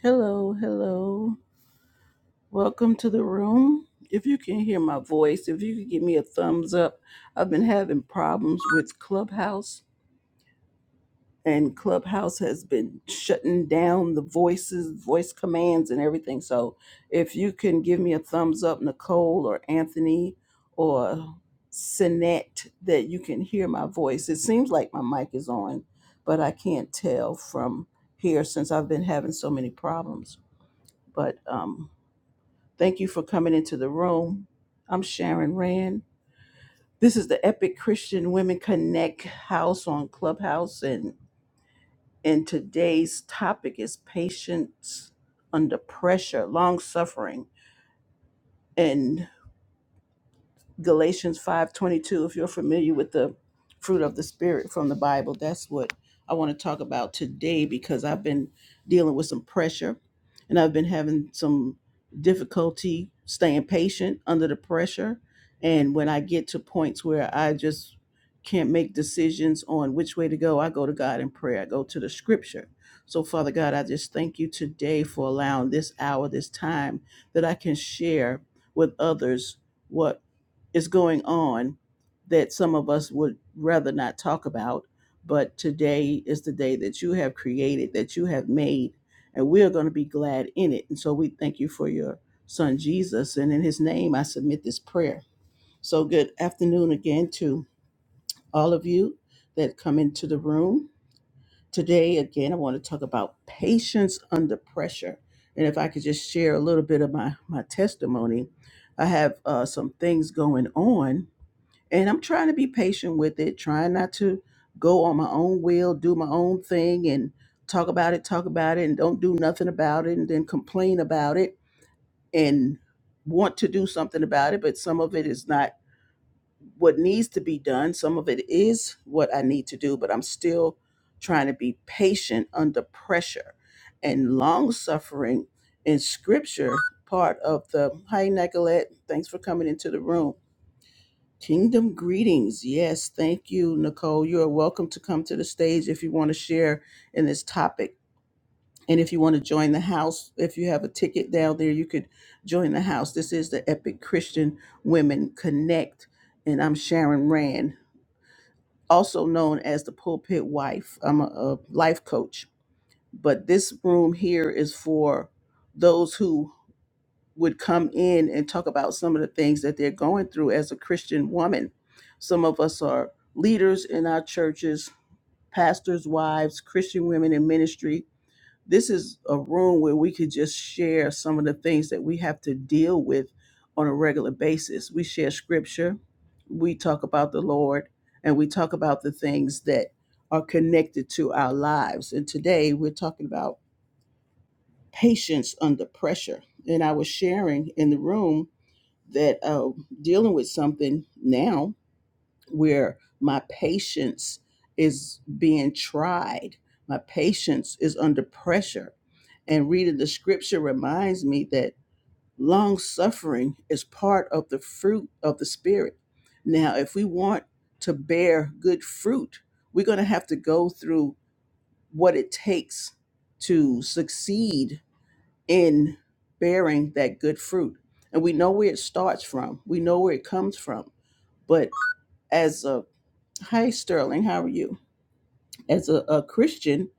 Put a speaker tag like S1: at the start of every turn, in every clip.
S1: Hello, hello. Welcome to the room. If you can hear my voice, if you could give me a thumbs up, I've been having problems with Clubhouse, and Clubhouse has been shutting down the voices, voice commands, and everything. So if you can give me a thumbs up, Nicole or Anthony or Sinette, that you can hear my voice. It seems like my mic is on, but I can't tell from here since I've been having so many problems. But, um, Thank you for coming into the room. I'm Sharon Rand. This is the Epic Christian Women Connect house on Clubhouse, and and today's topic is patience under pressure, long suffering, and. Galatians 5:22 if you're familiar with the fruit of the spirit from the Bible that's what I want to talk about today because I've been dealing with some pressure and I've been having some difficulty staying patient under the pressure and when I get to points where I just can't make decisions on which way to go I go to God in prayer I go to the scripture so Father God I just thank you today for allowing this hour this time that I can share with others what is going on that some of us would rather not talk about. But today is the day that you have created, that you have made, and we are going to be glad in it. And so we thank you for your son Jesus. And in his name, I submit this prayer. So good afternoon again to all of you that come into the room. Today, again, I want to talk about patience under pressure. And if I could just share a little bit of my, my testimony, I have uh, some things going on and I'm trying to be patient with it, trying not to go on my own will, do my own thing and talk about it, talk about it and don't do nothing about it and then complain about it and want to do something about it, but some of it is not what needs to be done. Some of it is what I need to do, but I'm still trying to be patient under pressure and long suffering in scripture part of the hi Nicolette, thanks for coming into the room Kingdom greetings. Yes, thank you, Nicole. You are welcome to come to the stage if you want to share in this topic. And if you want to join the house, if you have a ticket down there, you could join the house. This is the Epic Christian Women Connect. And I'm Sharon Rand, also known as the Pulpit Wife. I'm a, a life coach. But this room here is for those who would come in and talk about some of the things that they're going through as a Christian woman. Some of us are leaders in our churches, pastors' wives, Christian women in ministry. This is a room where we could just share some of the things that we have to deal with on a regular basis. We share scripture, we talk about the Lord, and we talk about the things that are connected to our lives. And today we're talking about patience under pressure. And I was sharing in the room that uh, dealing with something now where my patience is being tried, my patience is under pressure. And reading the scripture reminds me that long suffering is part of the fruit of the Spirit. Now, if we want to bear good fruit, we're going to have to go through what it takes to succeed in bearing that good fruit. And we know where it starts from, we know where it comes from. But as a, hi, Sterling, how are you? As a, a Christian,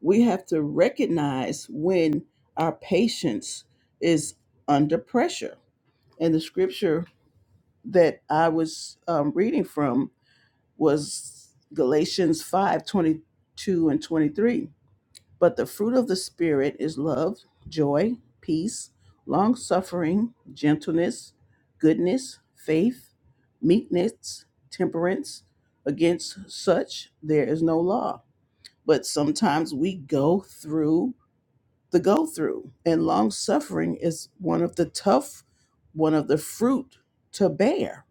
S1: we have to recognize when our patience is under pressure. And the scripture that I was um, reading from was Galatians 5 22 and 23 But the fruit of the Spirit is love, joy, peace, long suffering, gentleness, goodness, faith, meekness, temperance. Against such there is no law. But sometimes we go through the go through, and long suffering is one of the tough, one of the fruit to bear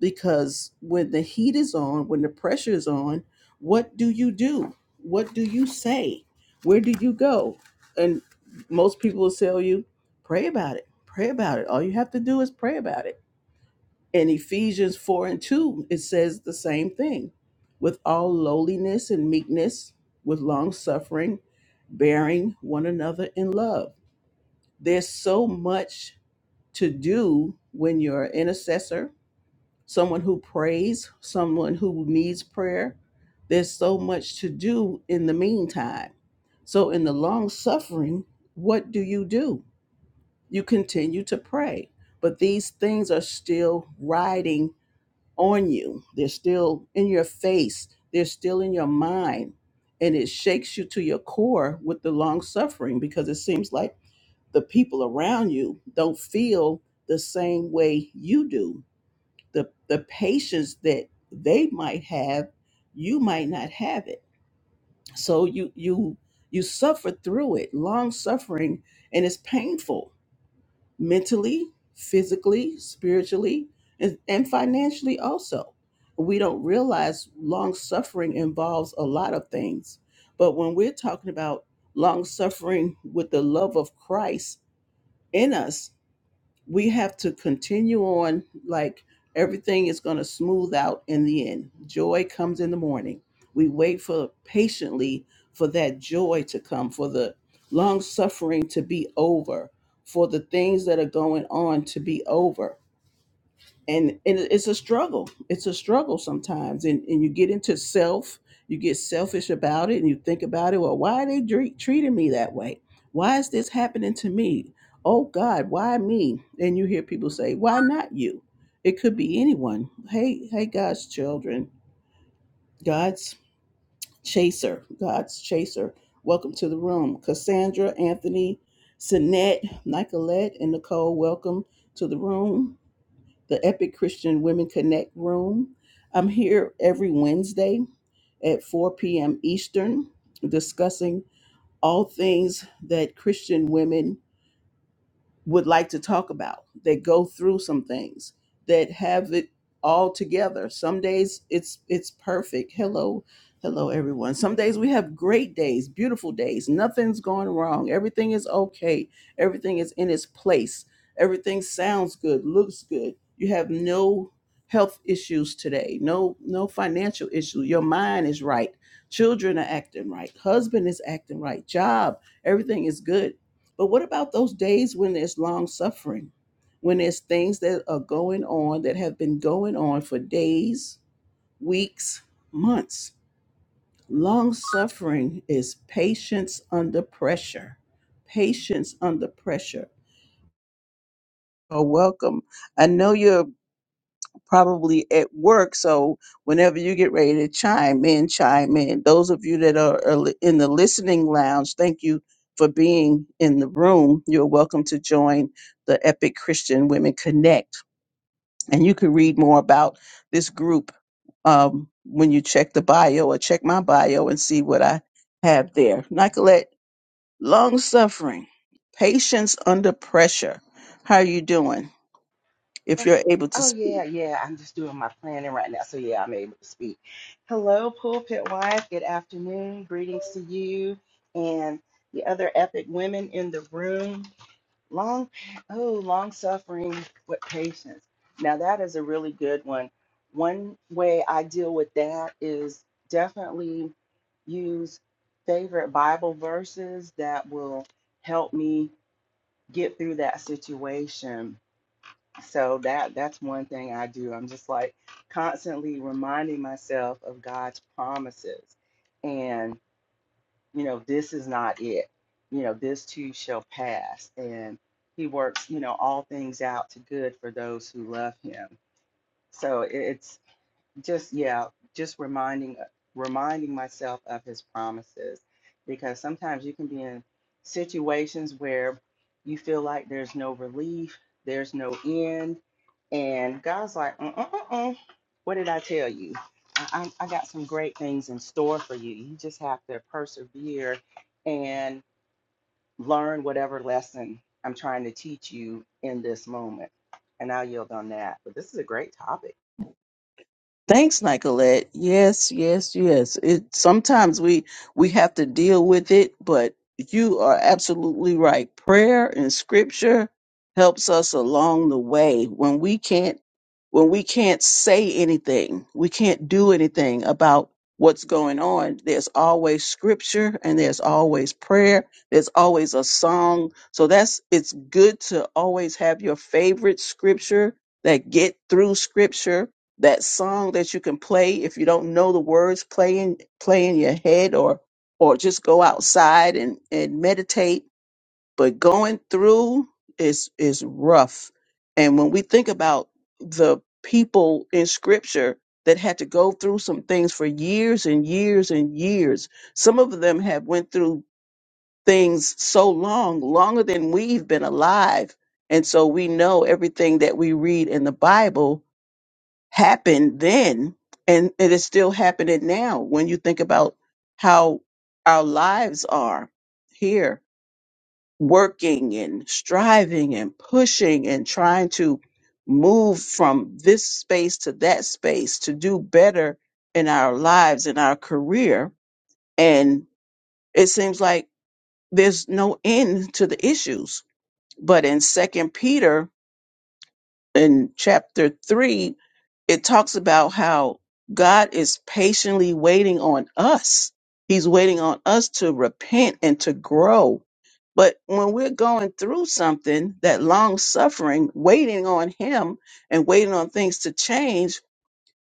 S1: because when the heat is on, when the pressure is on, what do you do? What do you say? Where do you go? And most people will tell you, pray about it. Pray about it. All you have to do is pray about it. In Ephesians 4 and 2, it says the same thing with all lowliness and meekness, with long suffering, bearing one another in love. There's so much to do when you're an intercessor, someone who prays, someone who needs prayer. There's so much to do in the meantime. So, in the long suffering, what do you do? You continue to pray, but these things are still riding on you. They're still in your face, they're still in your mind. And it shakes you to your core with the long suffering because it seems like the people around you don't feel the same way you do the the patience that they might have you might not have it so you you you suffer through it long suffering and it's painful mentally physically spiritually and, and financially also we don't realize long suffering involves a lot of things but when we're talking about long suffering with the love of christ in us we have to continue on like everything is going to smooth out in the end joy comes in the morning we wait for patiently for that joy to come for the long suffering to be over for the things that are going on to be over and and it- it's a struggle it's a struggle sometimes and and you get into self you get selfish about it and you think about it well why are they dre- treating me that way why is this happening to me oh god why me and you hear people say why not you it could be anyone hey hey god's children god's chaser god's chaser welcome to the room cassandra anthony Sinette, Nicolette, and Nicole, welcome to the room the Epic Christian Women Connect room. I'm here every Wednesday at 4 p.m. Eastern discussing all things that Christian women would like to talk about that go through some things that have it all together some days it's it's perfect hello hello everyone some days we have great days beautiful days nothing's going wrong everything is okay everything is in its place everything sounds good looks good you have no health issues today no no financial issue your mind is right children are acting right husband is acting right job everything is good but what about those days when there's long suffering, when there's things that are going on that have been going on for days, weeks, months? Long suffering is patience under pressure. Patience under pressure. Oh, welcome. I know you're probably at work. So whenever you get ready to chime in, chime in. Those of you that are, are li- in the listening lounge, thank you for being in the room. You're welcome to join the Epic Christian Women Connect. And you can read more about this group um, when you check the bio or check my bio and see what I have there. Nicolette, long suffering, patience under pressure. How are you doing? If
S2: Well,
S1: you're able to
S2: Oh yeah, yeah. I'm just doing my planning right now, so yeah, I'm able to speak. Hello, pulpit wife. Good afternoon. Greetings to you and the other epic women in the room. Long, oh, long suffering with patience. Now that is a really good one. One way I deal with that is definitely use favorite Bible verses that will help me get through that situation so that that's one thing I do. I'm just like constantly reminding myself of God's promises, and you know this is not it. You know this too shall pass, and He works you know all things out to good for those who love Him. So it's just yeah just reminding uh, reminding myself of his promises because sometimes you can be in situations where you feel like there's no relief there's no end and god's like uh-uh-uh what did i tell you I, I I got some great things in store for you you just have to persevere and learn whatever lesson i'm trying to teach you in this moment and i'll yield on that but this is a great topic
S1: Thanks, Nicolette. Yes, yes, yes. It sometimes we we have to deal with it, but you are absolutely right. Prayer and scripture helps us along the way when we can't when we can't say anything, we can't do anything about what's going on. There's always scripture and there's always prayer. There's always a song. So that's it's good to always have your favorite scripture that get through scripture that song that you can play if you don't know the words play in, play in your head or or just go outside and, and meditate but going through is is rough and when we think about the people in scripture that had to go through some things for years and years and years some of them have went through things so long longer than we've been alive and so we know everything that we read in the bible happened then and it is still happening now when you think about how our lives are here working and striving and pushing and trying to move from this space to that space to do better in our lives in our career and it seems like there's no end to the issues but in second peter in chapter 3 it talks about how God is patiently waiting on us. He's waiting on us to repent and to grow. But when we're going through something, that long suffering, waiting on Him and waiting on things to change,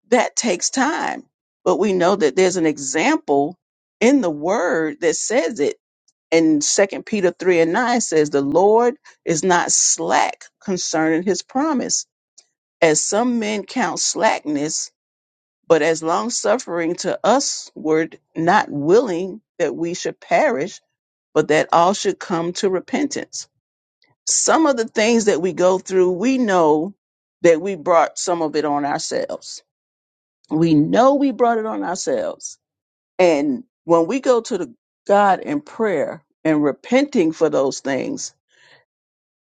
S1: that takes time. But we know that there's an example in the Word that says it. And Second Peter 3 and 9 says, The Lord is not slack concerning His promise as some men count slackness, but as long suffering to usward, not willing that we should perish, but that all should come to repentance. Some of the things that we go through, we know that we brought some of it on ourselves. We know we brought it on ourselves. And when we go to the God in prayer and repenting for those things,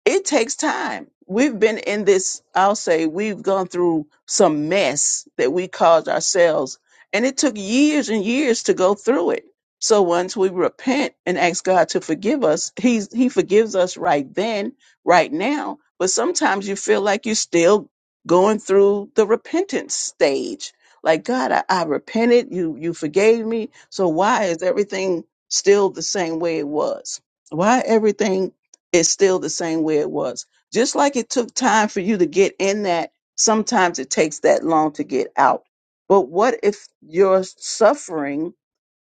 S1: it takes time. We've been in this, I'll say, we've gone through some mess that we caused ourselves, and it took years and years to go through it. So once we repent and ask God to forgive us, He's He forgives us right then, right now. But sometimes you feel like you're still going through the repentance stage. Like God, I, I repented, you you forgave me. So why is everything still the same way it was? Why everything it's still the same way it was. Just like it took time for you to get in that, sometimes it takes that long to get out. But what if your suffering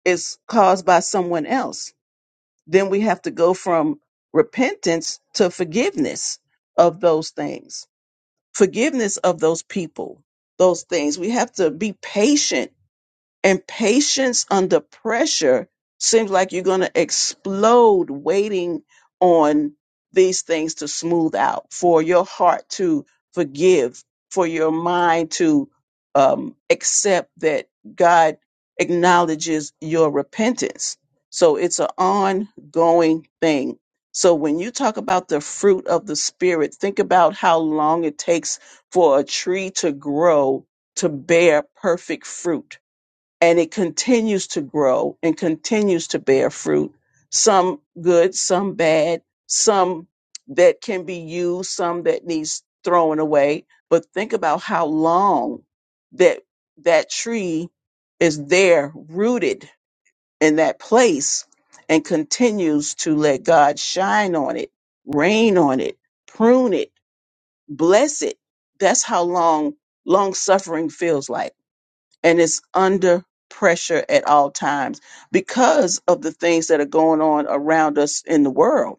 S1: is caused by someone else? Then we have to go from repentance to forgiveness of those things, forgiveness of those people, those things. We have to be patient and patience under pressure seems like you're going to explode waiting on these things to smooth out, for your heart to forgive, for your mind to um, accept that God acknowledges your repentance. So it's an ongoing thing. So when you talk about the fruit of the Spirit, think about how long it takes for a tree to grow to bear perfect fruit and it continues to grow and continues to bear fruit. Some good, some bad, some that can be used, some that needs throwing away. But think about how long that that tree is there rooted in that place and continues to let God shine on it, rain on it, prune it, bless it. That's how long long suffering feels like and is under pressure at all times because of the things that are going on around us in the world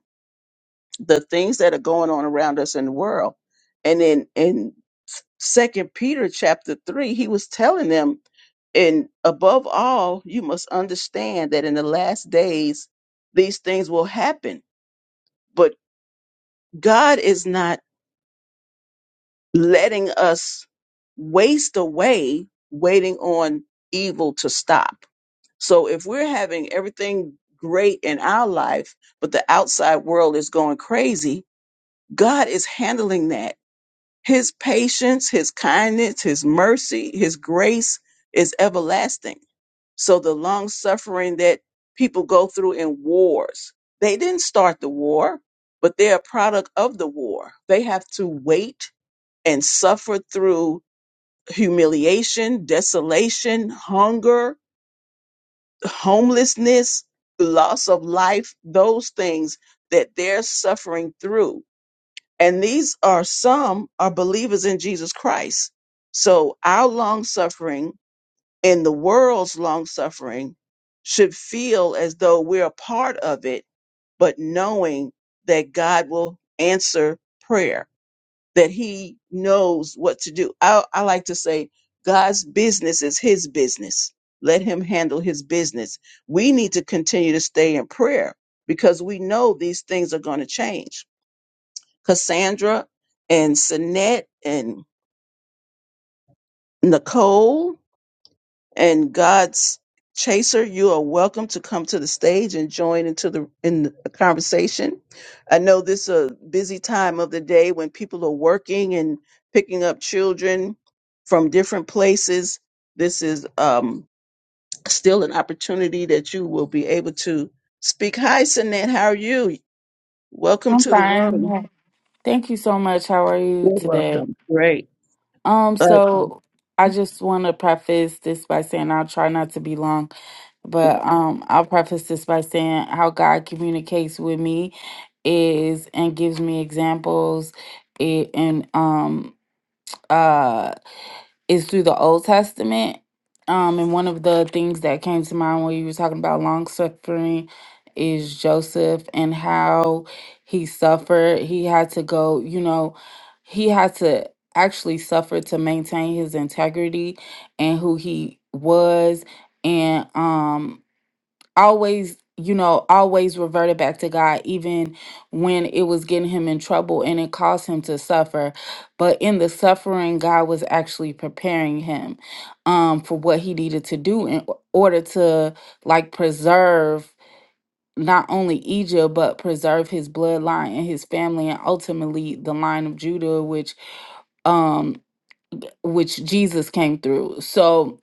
S1: the things that are going on around us in the world and in in second peter chapter 3 he was telling them and above all you must understand that in the last days these things will happen but god is not letting us waste away waiting on evil to stop So if we're having everything great in our life, but the outside world is going crazy, God is handling that. His patience, his kindness, his mercy, his grace is everlasting. So the long suffering that people go through in wars, they didn't start the war, but they're a product of the war. They have to wait and suffer through humiliation, desolation, hunger, homelessness, loss of life, those things that they're suffering through. And these are some are believers in Jesus Christ. So our long suffering and the world's long suffering should feel as though we're a part of it, but knowing that God will answer prayer that he knows what to do. I, I like to say God's business is his business. Let him handle his business. We need to continue to stay in prayer because we know these things are going to change. Cassandra and Sinette and Nicole and God's chaser, you are welcome to come to the stage and join into the in the conversation. I know this is a busy time of the day when people are working and picking up children from different places. This is um, still an opportunity that you will be able to speak. Hi, Sanette, how are you? Welcome
S3: I'm
S1: to the room.
S3: fine. Thank you so much. How are you
S1: You're
S3: today?
S1: welcome. Great.
S3: Um,
S1: Uh,
S3: so I just want to preface this by saying I'll try not to be long, but um, I'll preface this by saying how God communicates with me is and gives me examples it, and um uh is through the Old Testament. Um, and one of the things that came to mind when you were talking about long suffering is Joseph and how he suffered. He had to go, you know, he had to actually suffer to maintain his integrity and who he was. And um always you know always reverted back to god even when it was getting him in trouble and it caused him to suffer but in the suffering god was actually preparing him um for what he needed to do in o- order to like preserve not only egypt but preserve his bloodline and his family and ultimately the line of judah which um which jesus came through so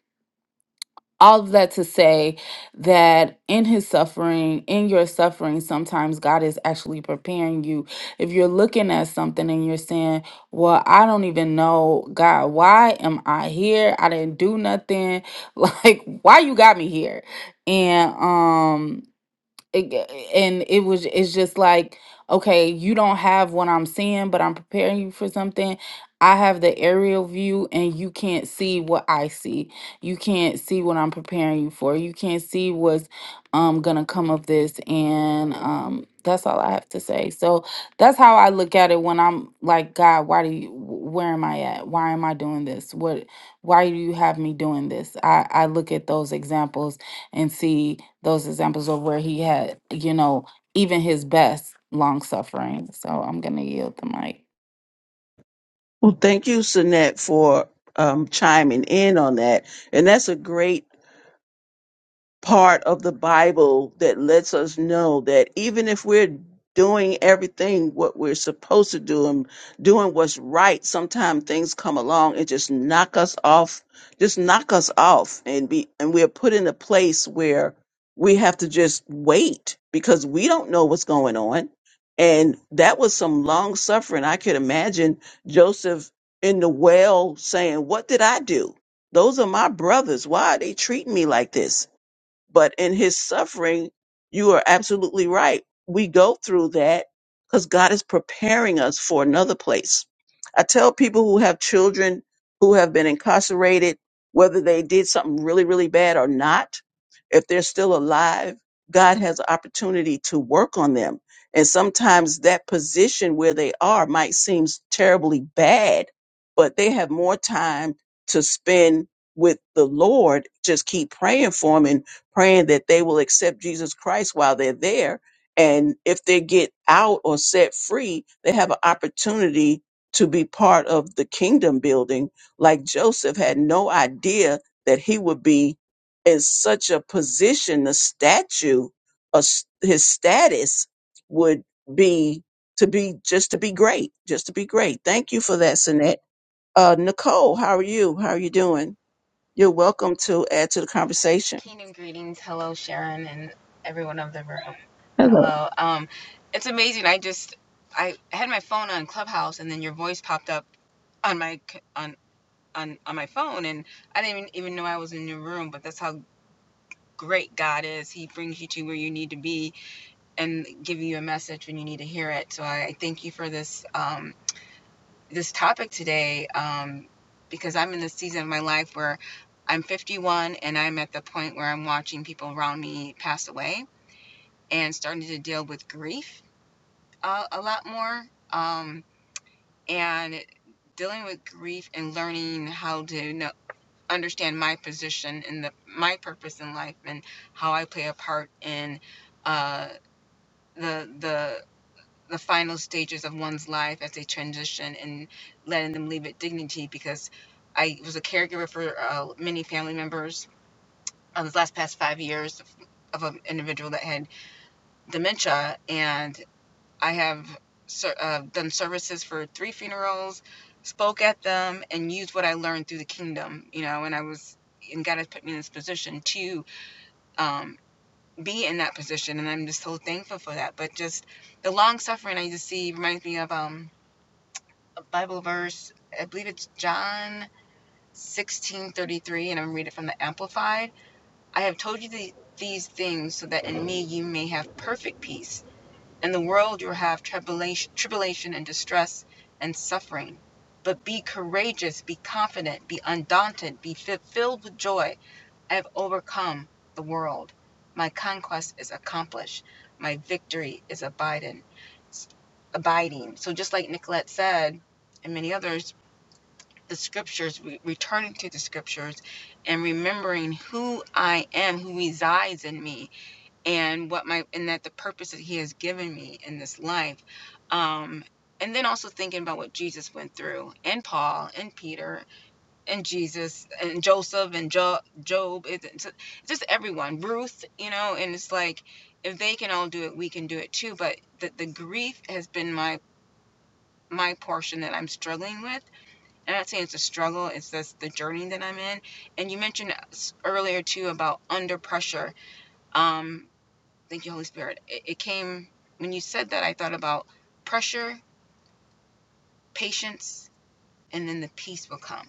S3: all of that to say that in his suffering, in your suffering, sometimes God is actually preparing you. If you're looking at something and you're saying, Well, I don't even know, God, why am I here? I didn't do nothing. Like, why you got me here? And um it g- and it was it's just like okay you don't have what i'm seeing but i'm preparing you for something i have the aerial view and you can't see what i see you can't see what i'm preparing you for you can't see what's um gonna come of this and um that's all i have to say so that's how i look at it when i'm like god why do you wh- where am i at why am i doing this what why do you have me doing this i i look at those examples and see those examples of where he had, you know, even his best long suffering. So I'm gonna yield the mic.
S1: well, thank you, Sanette, for um, chiming in on that. And that's a great part of the Bible that lets us know that even if we're doing everything what we're supposed to do and doing what's right, sometimes things come along and just knock us off, just knock us off and be and we're put in a place where we have to just wait because we don't know what's going on. And that was some long suffering. I could imagine Joseph in the well saying, What did I do? Those are my brothers. Why are they treating me like this? But in his suffering, you are absolutely right. We go through that because God is preparing us for another place. I tell people who have children who have been incarcerated, whether they did something really, really bad or not, if they're still alive, God has an opportunity to work on them. And sometimes that position where they are might seem terribly bad, but they have more time to spend with the Lord. Just keep praying for them praying that they will accept Jesus Christ while they're there. And if they get out or set free, they have an opportunity to be part of the kingdom building. Like Joseph had no idea that he would be in such a position, the statue, a s- his status would be to be just to be great, just to be great. Thank you for that, Sinette. Uh, Nicole, how are you? How are you doing? You're welcome to add to the conversation.
S4: Kingdom greetings. Hello, Sharon, and everyone of the room. Hello. Um, it's amazing. I just I had my phone on Clubhouse, and then your voice popped up on my c- on on on my phone, and I didn't even, even know I was in your room. But that's how great God is. He brings you to where you need to be and give you a message when you need to hear it. So I, I thank you for this. Um, this topic today um, because I'm in the season of my life where I'm 51 and I'm at the point where I'm watching people around me pass away and starting to deal with grief uh, a lot more um, and dealing with grief and learning how to know, understand my position and the, my purpose in life and how I play a part in uh, the the the final stages of one's life as they transition and letting them leave it dignity because I was a caregiver for uh, many family members uh, this last past five years of, of an individual that had dementia and I have ser- uh, done services for three funerals spoke at them and used what I learned through the kingdom you know and I was and God has put me in this position to um, be in that position and I'm just so thankful for that but just the long suffering I just see reminds me of um Bible verse. I believe it's John 16:33 and I'm reading it from the amplified. I have told you the, these things so that in me you may have perfect peace. In the world you will have tribulation, tribulation and distress and suffering. But be courageous, be confident, be undaunted, be fi- filled with joy. I have overcome the world. My conquest is accomplished. My victory is abiding. Abiding. So just like Nicolette said, and many others, the scriptures, re- returning to the scriptures, and remembering who I am, who resides in me, and what my and that the purpose that He has given me in this life, um, and then also thinking about what Jesus went through, and Paul, and Peter, and Jesus, and Joseph, and jo- Job, it's, just everyone, Ruth, you know, and it's like if they can all do it, we can do it too. But the, the grief has been my my portion that I'm struggling with I'm not saying it's a struggle, it's just the journey that I'm in. And you mentioned earlier too about under pressure. Um, thank you, Holy Spirit. It, it came when you said that. I thought about pressure, patience, and then the peace will come.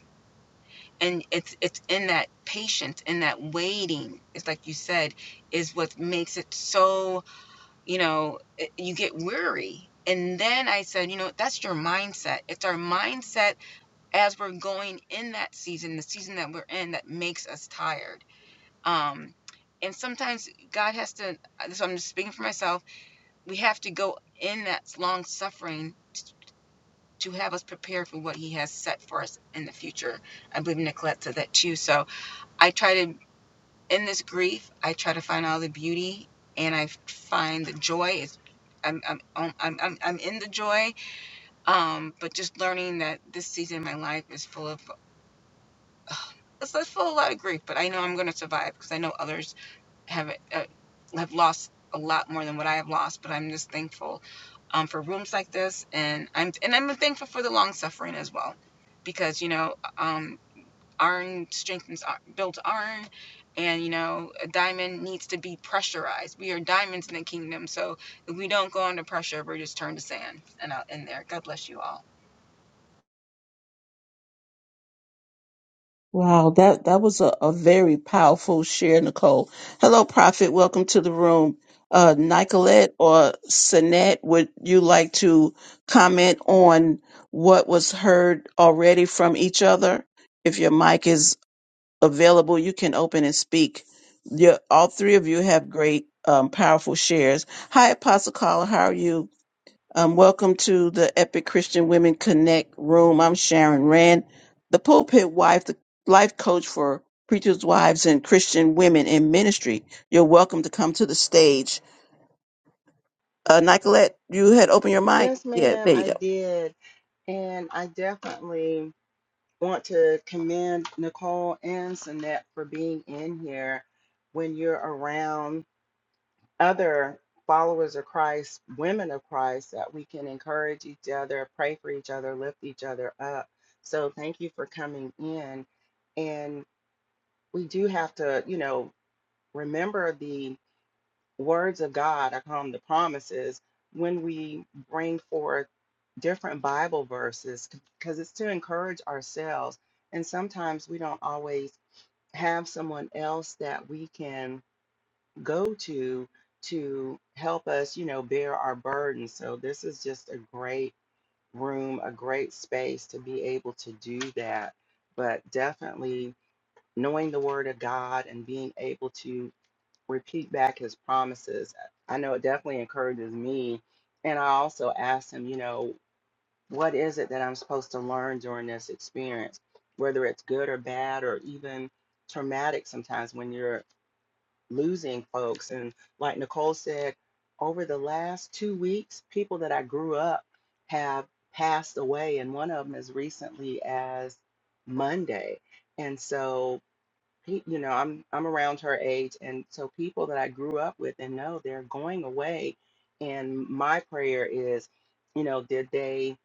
S4: And it's it's in that patience, in that waiting. It's like you said, is what makes it so. You know, it, you get weary. And then I said, you know, that's your mindset. It's our mindset as we're going in that season, the season that we're in that makes us tired. Um, and sometimes God has to, so I'm just speaking for myself, we have to go in that long suffering to have us prepared for what He has set for us in the future. I believe Nicolette said that too. So I try to, in this grief, I try to find all the beauty and I find the joy. It's, I'm, I'm, I'm, I'm, I'm in the joy, um, but just learning that this season of my life is full of It's full of a lot of grief, but I know I'm going to survive because I know others have uh, have lost a lot more than what I have lost. But I'm just thankful um, for rooms like this, and I'm and I'm thankful for the long suffering as well, because you know um, iron strengthens ar- builds iron, and you know a diamond needs to be pressurized. We are diamonds in the kingdom, so if we don't go under pressure, we're just turned to sand. And I'll end there. God bless you all.
S1: Wow, that, that was a, a very powerful share, Nicole. Hello, Prophet. Welcome to the room. Uh, Nicolette or Sanette, would you like to comment on what was heard already from each other? If your mic is available, you can open and speak. Your, all three of you have great, um, powerful shares. Hi, Apostle Caller. How are you? Um, welcome to the Epic Christian Women Connect room. I'm Sharon Rand, the pulpit wife, the life coach for preachers' wives and Christian women in ministry. You're welcome to come to the stage. Uh, Nicolette, you had opened your mic.
S2: yes
S1: Yeah,
S2: ma'am
S1: there you
S2: i
S1: go.
S2: did And I definitely want to commend Nicole and Sunette for being in here when you're around other followers of Christ, women of Christ, that we can encourage each other, pray for each other, lift each other up. So thank you for coming in. And we do have to, you know, remember the words of God I call them the promises when we bring forth different Bible verses because it's to encourage ourselves. And sometimes we don't always have someone else that we can go to to help us, you know, bear our burdens. So this is just a great room, a great space to be able to do that. But definitely knowing the word of God and being able to repeat back his promises. I know it definitely encourages me. And I also asked him, you know, what is it that I'm supposed to learn during this experience, whether it's good or bad or even traumatic sometimes when you're losing folks. And like Nicole said, over the last two weeks, people that I grew up have passed away, and one of them as recently as Monday. And so pe- you know i'm i'm around her age and so people that i grew up with and know they're going away and my prayer is you know did they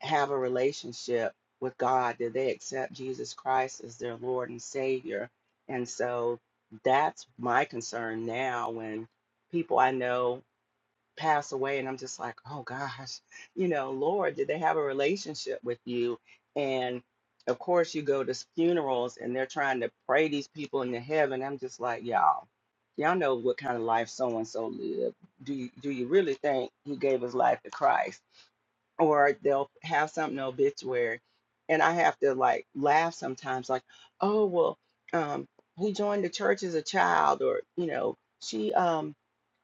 S2: have a relationship with god did they accept jesus christ as their lord and savior and so that's my concern now when people i know pass away and i'm just like oh gosh you know lord did they have a relationship with you and of course you go to funerals and they're trying to pray these people into heaven i'm just like y'all y'all know what kind of life so and so lived do you, do you really think he gave his life to christ or they'll have something obituary and i have to like laugh sometimes like oh well um he joined the church as a child or you know she um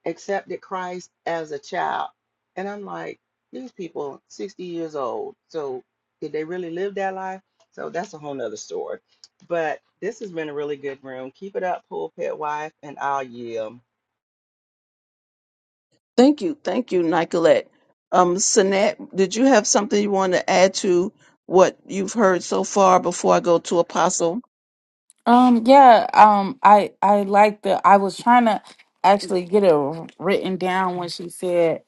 S2: accepted Christ as a child. And I'm like, these people 60 years old. So did they really live that life? So that's a whole nother story. But this has been a really good room. Keep it up, pulpit wife, and I'll yield.
S1: Thank you. Thank you, Nicolette. Um, Sanat, did you have something you want to add to what you've heard so far before I go to Apostle?
S3: Um, yeah, um, I I like the. I was trying to actually get it wr- written down when she said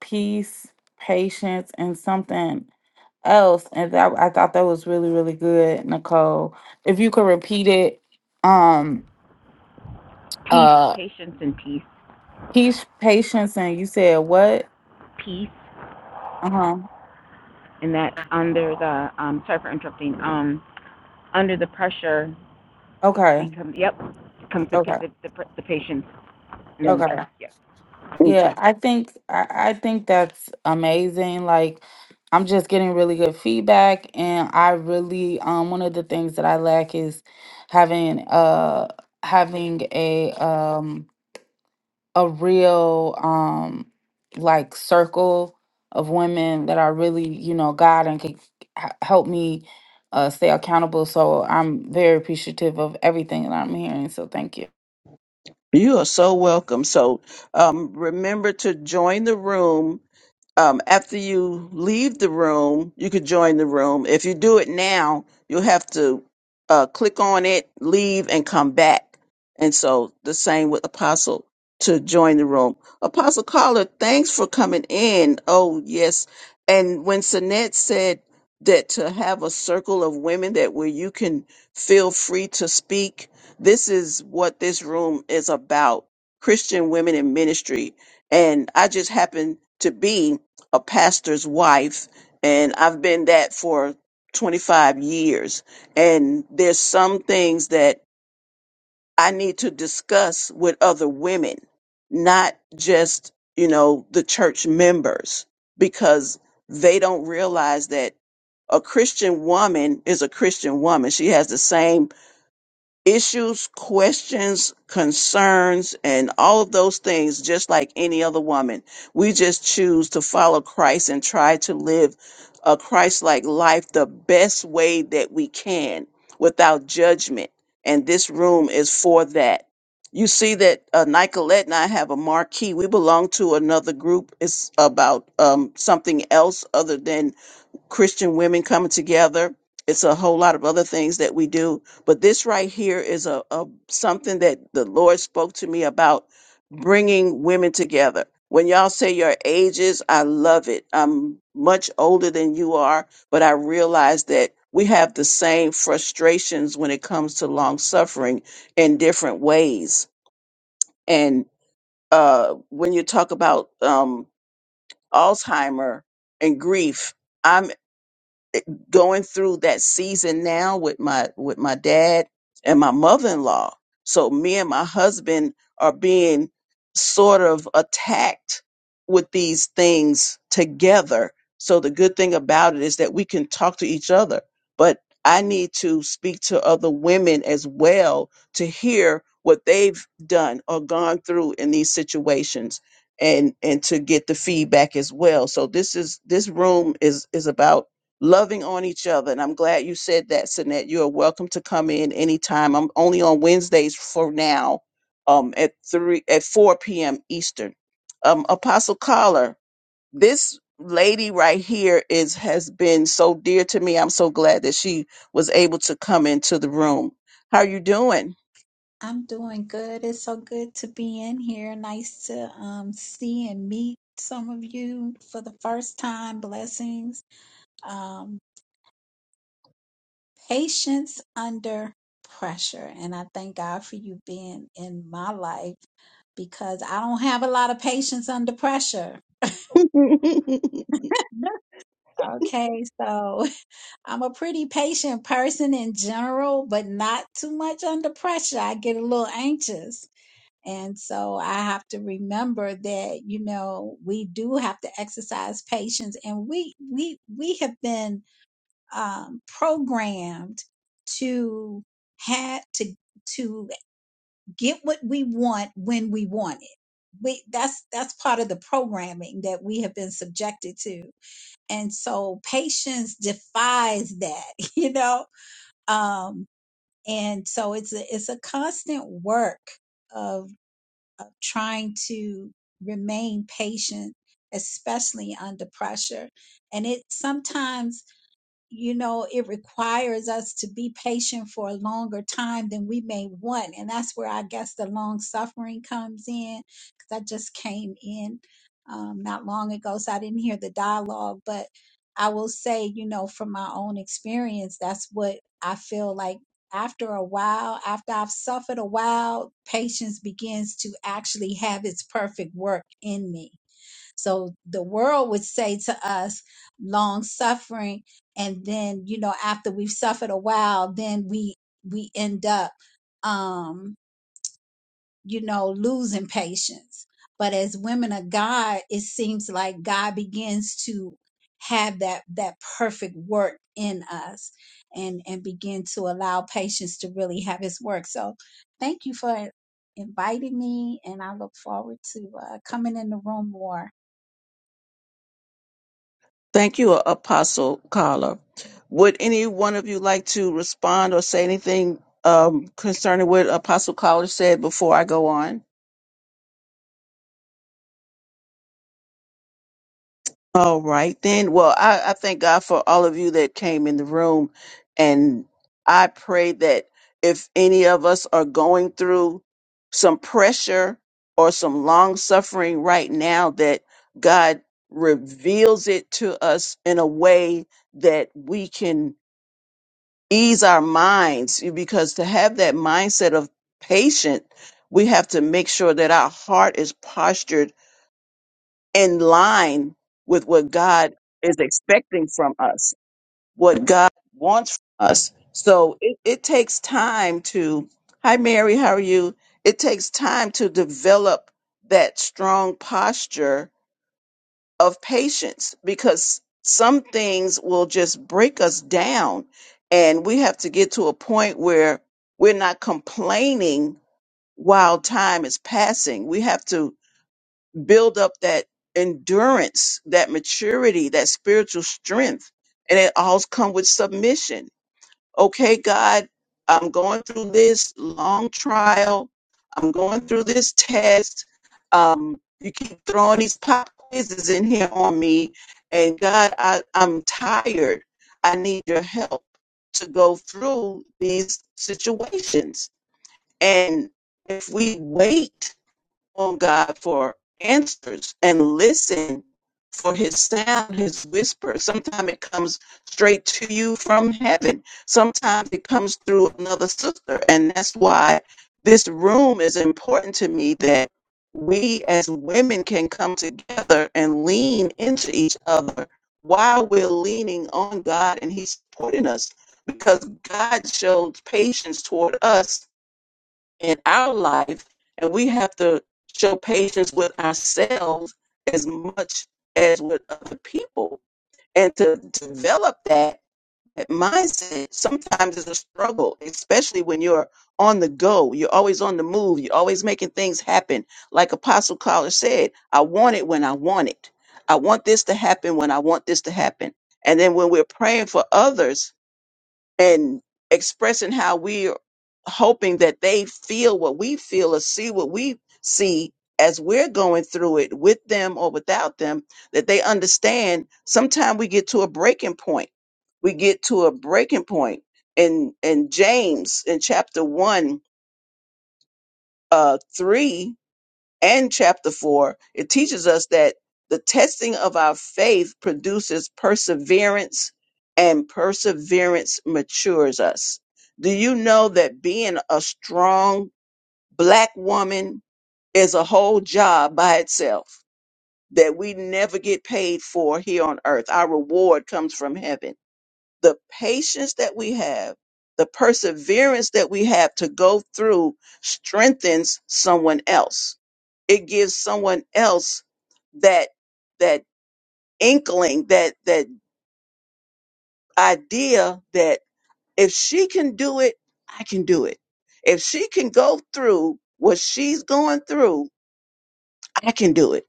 S3: peace, patience, and something else, and that I thought that was really really good, Nicole. If you could repeat it, um,
S4: Peace,
S3: uh,
S4: patience, and peace.
S3: peace, patience, and you said what?
S4: Peace,
S3: Uh huh.
S4: and that under the um, sorry for interrupting. Um, under the pressure, we
S3: Okay.
S4: come. Yep, comes the
S3: Okay.
S4: the, the, the patients and
S1: Yeah.
S4: then the
S3: Okay.
S4: peace. Yeah.
S3: Yeah,
S1: Okay.
S3: I think I, I think that's amazing. Like I'm just getting really good feedback and I really um one of the things that I lack is having uh having a um a real um like circle of women that are really, you know, God and can h- help me uh stay accountable. So I'm very appreciative of everything that I'm hearing. So thank you.
S1: You are so welcome. So um, remember to join the room um, after you leave the room, you could join the room. If you do it now, you'll have to uh, click on it, leave, and come back. And so the same with Apostle to join the room. Apostle Caller, thanks for coming in. Oh, yes. And when Sinette said that to have a circle of women that where you can feel free to speak, this is what this room is about Christian women in ministry. And I just happen to be a pastor's wife and I've been that for 25 years and there's some things that I need to discuss with other women not just you know the church members because they don't realize that a Christian woman is a Christian woman she has the same issues, questions, concerns, and all of those things, just like any other woman. We just choose to follow Christ and try to live a Christ like life the best way that we can without judgment. And this room is for that. You see that uh, Nicolette and I have a marquee. We belong to another group. It's about um, something else other than Christian women coming together. It's a whole lot of other things that we do, but this right here is a, a something that the Lord spoke to me about bringing women together. When y'all say your ages, I love it. I'm much older than you are, but I realize that we have the same frustrations when it comes to long suffering in different ways. And uh, when you talk about um, Alzheimer and grief, going through that season now with my with my dad and my mother-in-law so me and my husband are being sort of attacked with these things together so the good thing about it is that we can talk to each other but i need to speak to other women as well to hear what they've done or gone through in these situations and and to get the feedback as well so this is this room is is about loving on each other. And I'm glad you said that, Sinette. You are welcome to come in anytime. I'm only on Wednesdays for now, um, at three at four p.m. Eastern. Um, Apostle Collar, this lady right here is has been so dear to me. I'm so glad that she was able to come into the room. How are you doing?
S5: I'm doing good. It's so good to be in here. Nice to um, see and meet some of you for the first time. Blessings. Um, patience under pressure. And I thank God for you being in my life because I don't have a lot of patience under pressure. Okay, so I'm a pretty patient person in general, but not too much under pressure. I get a little anxious. And so I have to remember that, you know, we do have to exercise patience and we, we, we have been, um, programmed to had to, to get what we want when we want it. We, that's, that's part of the programming that we have been subjected to. And so patience defies that, you know, um, and so it's a, it's a constant work of of trying to remain patient, especially under pressure. And it sometimes you know, it requires us to be patient for a longer time than we may want. And that's where I guess the long suffering comes in. Because I just came in um, not long ago, so I didn't hear the dialogue. But I will say, you know, from my own experience, that's what I feel like after a while, after I've suffered a while, patience begins to actually have its perfect work in me so the world would say to us, long suffering, and then you know after we've suffered a while, then we we end up, um, you know, losing patience. But as women of God, it seems like God begins to have that that perfect work in us, and and begin to allow patience to really have His work. So thank you for inviting me, and I look forward to uh, coming in the room more.
S1: Thank you, Apostle Carla. Would any one of you like to respond or say anything um, concerning what Apostle Carla said before I go on? All right, then. Well, I, I thank God for all of you that came in the room. And I pray that if any of us are going through some pressure or some long suffering right now, that God reveals it to us in a way that we can ease our minds because to have that mindset of patient, we have to make sure that our heart is postured in line with what God is expecting from us, what God wants from us. So it, it takes time to, hi, Mary, how are you? It takes time to develop that strong posture of patience because some things will just break us down and we have to get to a point where we're not complaining while time is passing we have to build up that endurance that maturity that spiritual strength and it all comes with submission okay, God, I'm going through this long trial. I'm going through this test. Um, you keep throwing these pop quizzes in here on me. And God, I, I'm tired. I need your help to go through these situations. And if we wait on God for answers and listen for his sound, his whisper. Sometimes it comes straight to you from heaven. Sometimes it comes through another sister. And that's why this room is important to me that we as women can come together and lean into each other while we're leaning on God and he's supporting us because God shows patience toward us in our life, and we have to show patience with ourselves as much as with other people. And to develop that, that mindset sometimes is a struggle, especially when you're on the go. You're always on the move. You're always making things happen. Like Apostle Collar said, I want it when I want it. I want this to happen when I want this to happen. And then when we're praying for others, and expressing how we're hoping that they feel what we feel or see what we see as we're going through it with them or without them, that they understand sometimes we get to a breaking point. We get to a breaking point. In in James in chapter one, uh three, and chapter 4, it teaches us that the testing of our faith produces perseverance, and perseverance matures us. Do you know that being a strong black woman is a whole job by itself that we never get paid for here on earth? Our reward comes from heaven. The patience that we have, the perseverance that we have to go through strengthens someone else it gives someone else that that inkling that that idea that if she can do it i can do it if she can go through what she's going through i can do it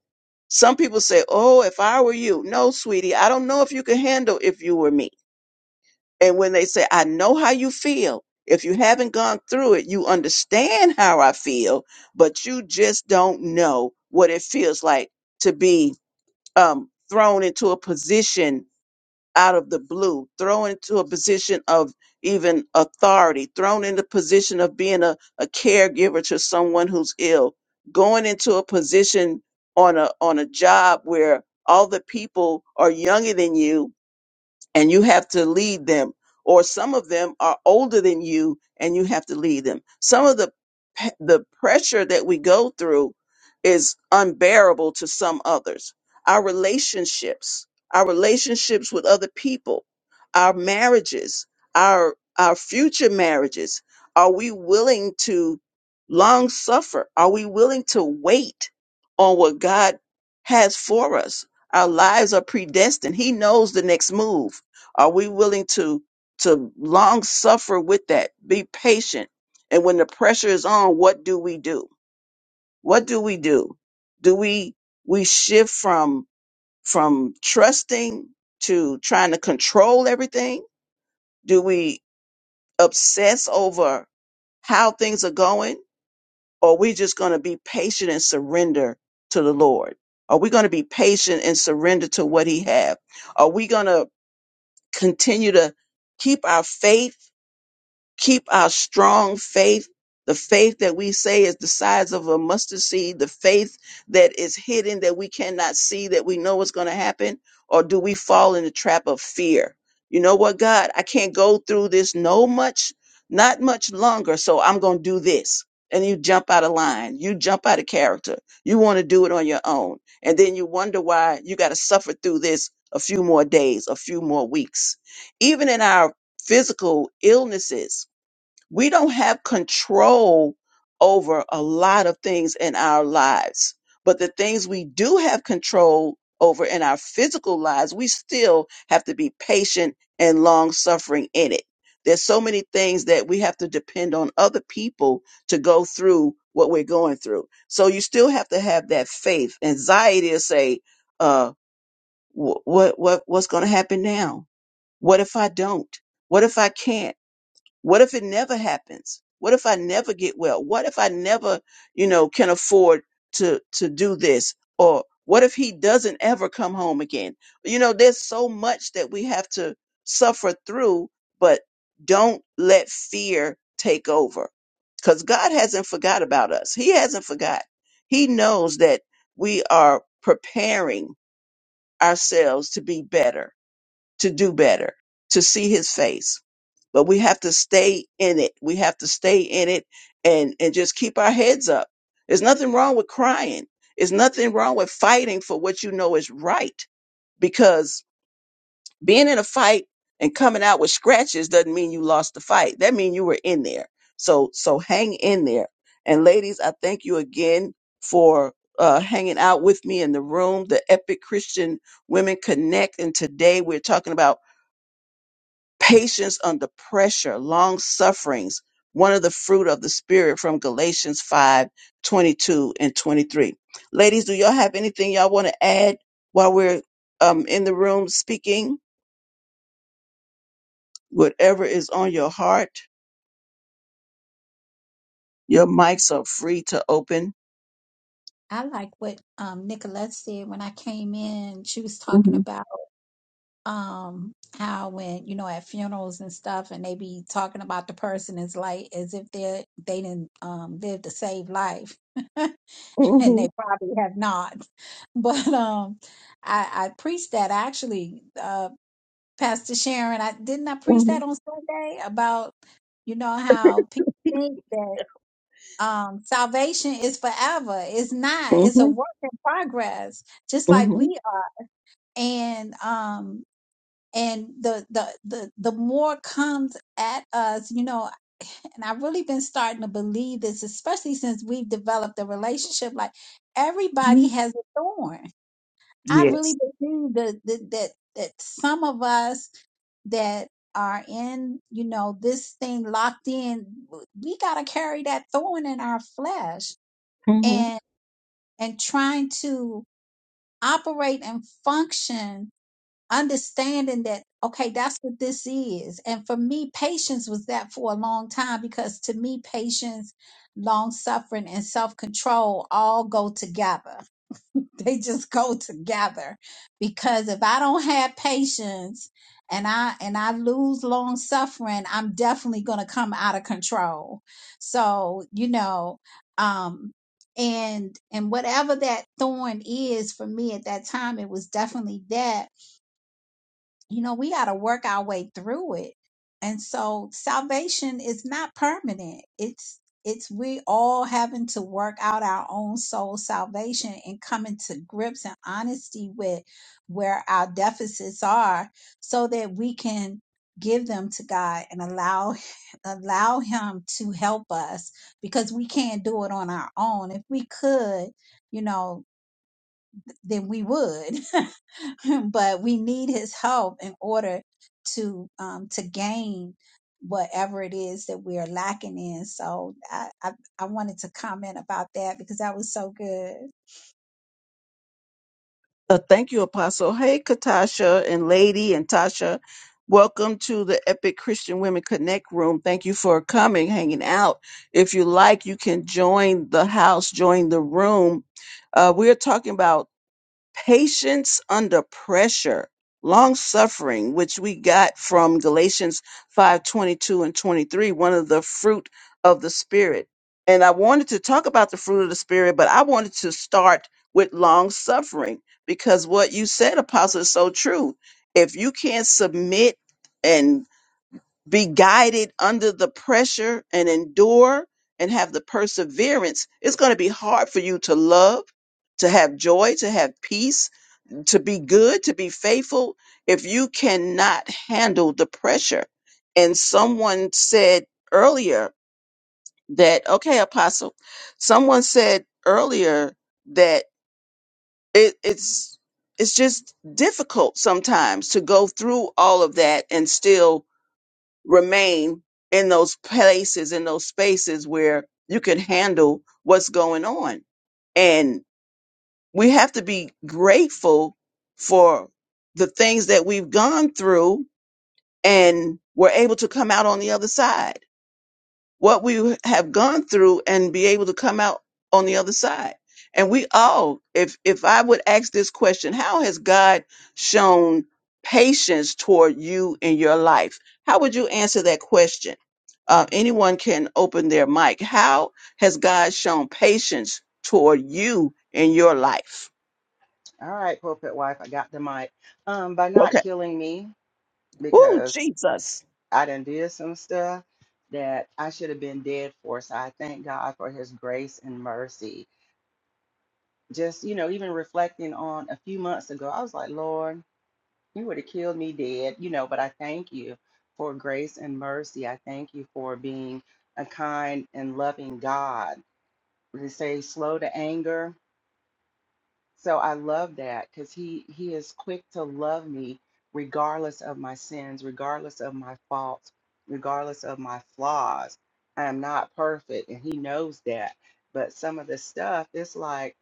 S1: some people say oh if i were you no sweetie i don't know if you can handle if you were me and when they say i know how you feel if you haven't gone through it you understand how i feel but you just don't know what it feels like to be um, thrown into a position out of the blue, thrown into a position of even authority, thrown into position of being a, a caregiver to someone who's ill, going into a position on a on a job where all the people are younger than you and you have to lead them. Or some of them are older than you, and you have to lead them. Some of the pe- the pressure that we go through is unbearable to some others. Our relationships, our relationships with other people, our marriages, our our future marriages. Are we willing to long suffer? Are we willing to wait on what God has for us? Our lives are predestined. He knows the next move. Are we willing to to long suffer with that? Be patient. And when the pressure is on, what do we do? What do we do? Do we we shift from from trusting to trying to control everything? Do we obsess over how things are going? Or are we just going to be patient and surrender to the Lord? Are we going to be patient and surrender to what He have? Are we going to continue to keep our faith? keep our strong faith, the faith that we say is the size of a mustard seed, the faith that is hidden that we cannot see, that we know is going to happen? Or do we fall in the trap of fear? You know what, God, I can't go through this no much, not much longer, so I'm going to do this. And you jump out of line, you jump out of character, you want to do it on your own. And then you wonder why you got to suffer through this a few more days, a few more weeks. Even in our physical illnesses, we don't have control over a lot of things in our lives but the things we do have control over in our physical lives we still have to be patient and long suffering in it there's so many things that we have to depend on other people to go through what we're going through so you still have to have that faith anxiety to say uh wh- what what what's going to happen now what if i don't what if i can't what if it never happens? What if I never get well? What if I never, you know, can afford to to do this? Or what if he doesn't ever come home again? You know, there's so much that we have to suffer through, but don't let fear take over. Cuz God hasn't forgot about us. He hasn't forgot. He knows that we are preparing ourselves to be better, to do better, to see his face but we have to stay in it. We have to stay in it and and just keep our heads up. There's nothing wrong with crying. There's nothing wrong with fighting for what you know is right because being in a fight and coming out with scratches doesn't mean you lost the fight. That means you were in there. So so hang in there. And ladies, I thank you again for uh, hanging out with me in the room, the Epic Christian Women Connect. And today we're talking about patience under pressure, long sufferings, one of the fruit of the spirit from Galatians 5 22 and 23. Ladies, do y'all have anything y'all want to add while we're um, in the room speaking? Whatever is on your heart, your mics are free to open.
S5: I like what um, Nicolette said when I came in. She was talking
S1: hmm
S5: about um, how when you know at funerals and stuff, and they be talking about the person as like as if they they didn't um, live to save life, and
S1: hmm
S5: they probably have not. But um, I, I preached that actually, uh, Pastor Sharon. I didn't I preach
S1: hmm
S5: that on Sunday about you know how people think that um salvation is forever it's not it's a work in progress just like
S1: hmm
S5: we are and um and the the the the more comes at us you know and i've really been starting to believe this especially since we've developed a relationship like
S1: hmm
S5: everybody has a thorn i really
S1: Yes.
S5: believe that that that, that some of us that are in you know this thing locked in we got to carry that thorn in our flesh and trying to operate and function, understanding that, okay, that's what this is. And for me, patience was that for a long time because to me, patience, long suffering, and self control all go together. they just go together because if I don't have patience and I and I lose long suffering, I'm definitely going to come out of control. So, you know, um and and whatever that thorn is for me at that time, it was definitely that you know, we got to work our way through it. And so salvation is not permanent. It's it's we all having to work out our own soul salvation and coming to grips and honesty with where our deficits are so that we can give them to God and allow allow him to help us because we can't do it on our own. If we could, you know, then we would. but we need his help in order to um to gain whatever it is that we are lacking in so I, I i wanted to comment about that because that was so good
S1: Uh, thank you, Apostle. Hey, Katasha and Lady and Tasha. Welcome to the Epic Christian Women Connect room. Thank you for coming, hanging out. If you like, you can join the house, join the room. Uh, we're talking about patience under pressure long suffering which we got from galatians 5 22 and 23 one of the fruit of the spirit and i wanted to talk about the fruit of the spirit but i wanted to start with long suffering because what you said apostle is so true if you can't submit and be guided under the pressure and endure and have the perseverance it's going to be hard for you to love to have joy to have peace to be good, to be faithful, if you cannot handle the pressure. And someone said earlier that, okay, apostle, someone said earlier that it, it's, it's just difficult sometimes to go through all of that and still remain in those places, in those spaces where you can handle what's going on we have to be grateful for the things that we've gone through and we're able to come out on the other side. What we have gone through and be able to come out on the other side. And we all, if if I would ask this question, how has God shown patience toward you in your life? How would you answer that question? Uh, anyone can open their mic. How has God shown patience toward you in your life?
S2: All right, pulpit wife, I got the mic. Um, by not
S1: Okay.
S2: killing me,
S1: Ooh,
S2: because
S1: Jesus.
S2: I done did some stuff that I should have been dead for. So I thank God for his grace and mercy. Just, you know, even reflecting on a few months ago, I was like, Lord. You would have killed me dead, you know, but I thank you for grace and mercy. I thank you for being a kind and loving God. They say slow to anger. So I love that because he, he is quick to love me regardless of my sins, regardless of my faults, regardless of my flaws. I am not perfect and he knows that. But some of the stuff, it's like,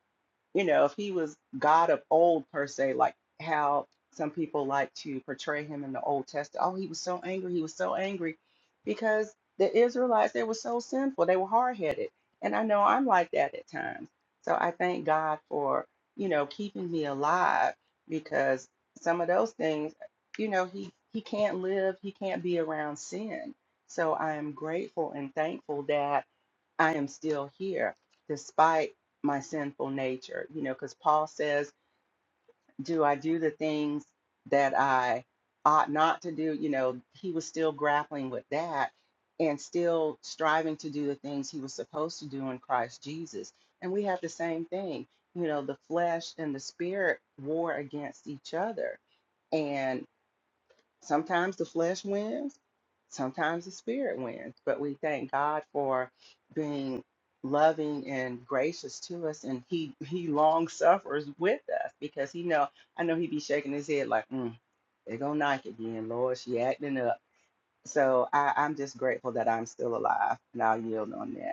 S2: you know, if he was God of old per se, like how some people like to portray him in the Old Testament. Oh, he was so angry. He was so angry because the Israelites, they were so sinful. They were hard headed. And I know I'm like that at times. So I thank God for, you know, keeping me alive because some of those things, you know, he, he can't live, he can't be around sin. So I am grateful and thankful that I am still here despite my sinful nature. You know, because Paul says, Do I do the things that I ought not to do? You know, he was still grappling with that and still striving to do the things he was supposed to do in Christ Jesus. And we have the same thing. You know, the flesh and the spirit war against each other. and. Sometimes the flesh wins, sometimes the spirit wins, but we thank God for being loving and gracious to us and he he long suffers with us because he know I know he be shaking his head like mm, they go Nike again, Lord, she acting up. So I, I'm just grateful that I'm still alive and I'll yield on that.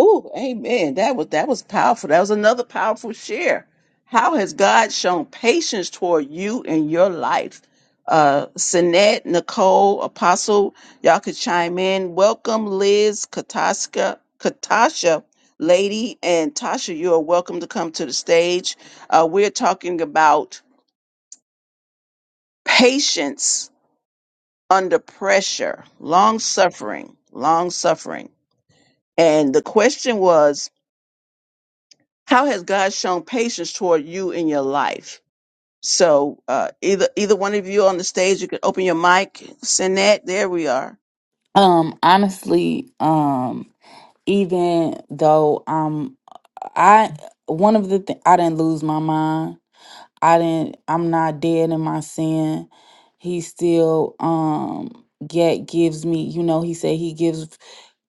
S1: Ooh, amen. That was that was powerful. That was another powerful share. How has God shown patience toward you in your life? Uh Sinette, Nicole, Apostle, y'all could chime in. Welcome, Liz, Kataska, Katasha, Lady, and Tasha. You are welcome to come to the stage. Uh, we're talking about patience under pressure, long suffering, long suffering. And the question was how has God shown patience toward you in your life? So uh, either either one of you on the stage, you can open your mic. Sinette, there we are.
S3: Um honestly, um even though um I one of the th- I didn't lose my mind. I didn't I'm not dead in my sin. He still um yet gives me, you know, he said he gives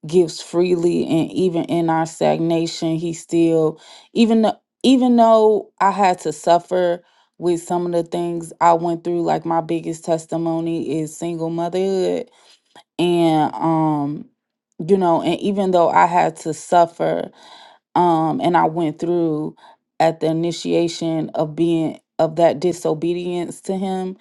S3: gives freely and even in our stagnation, he still even though even though I had to suffer with some of the things I went through, like my biggest testimony is single motherhood. And um, you know, and even though I had to suffer um, and I went through at the initiation of being of that disobedience to him.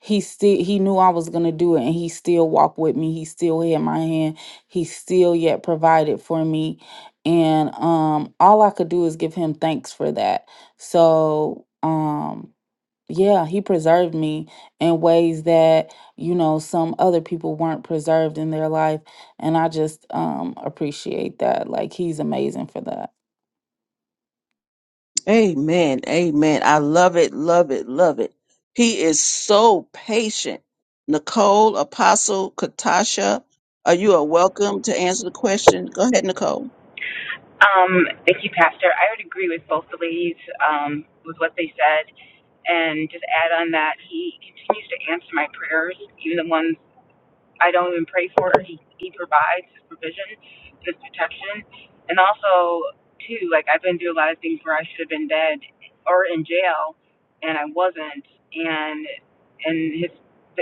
S3: He still he knew I was gonna do it, and he still walked with me. He still had my hand. He still yet provided for me, and um, all I could do is give him thanks for that. So um, yeah, he preserved me in ways that you know some other people weren't preserved in their life, and I just um appreciate that. Like he's amazing for that.
S1: Amen. Amen. I love it. Love it. Love it. He is so patient. Nicole, Apostle, Katasha, are you are welcome to answer the question. Go ahead, Nicole.
S4: Um, thank you, Pastor. I would agree with both the ladies um, with what they said, and just add on that he continues to answer my prayers, even the ones I don't even pray for. He he provides his provision, his protection, and also too, like I've been through a lot of things where I should have been dead or in jail, and I wasn't, and and his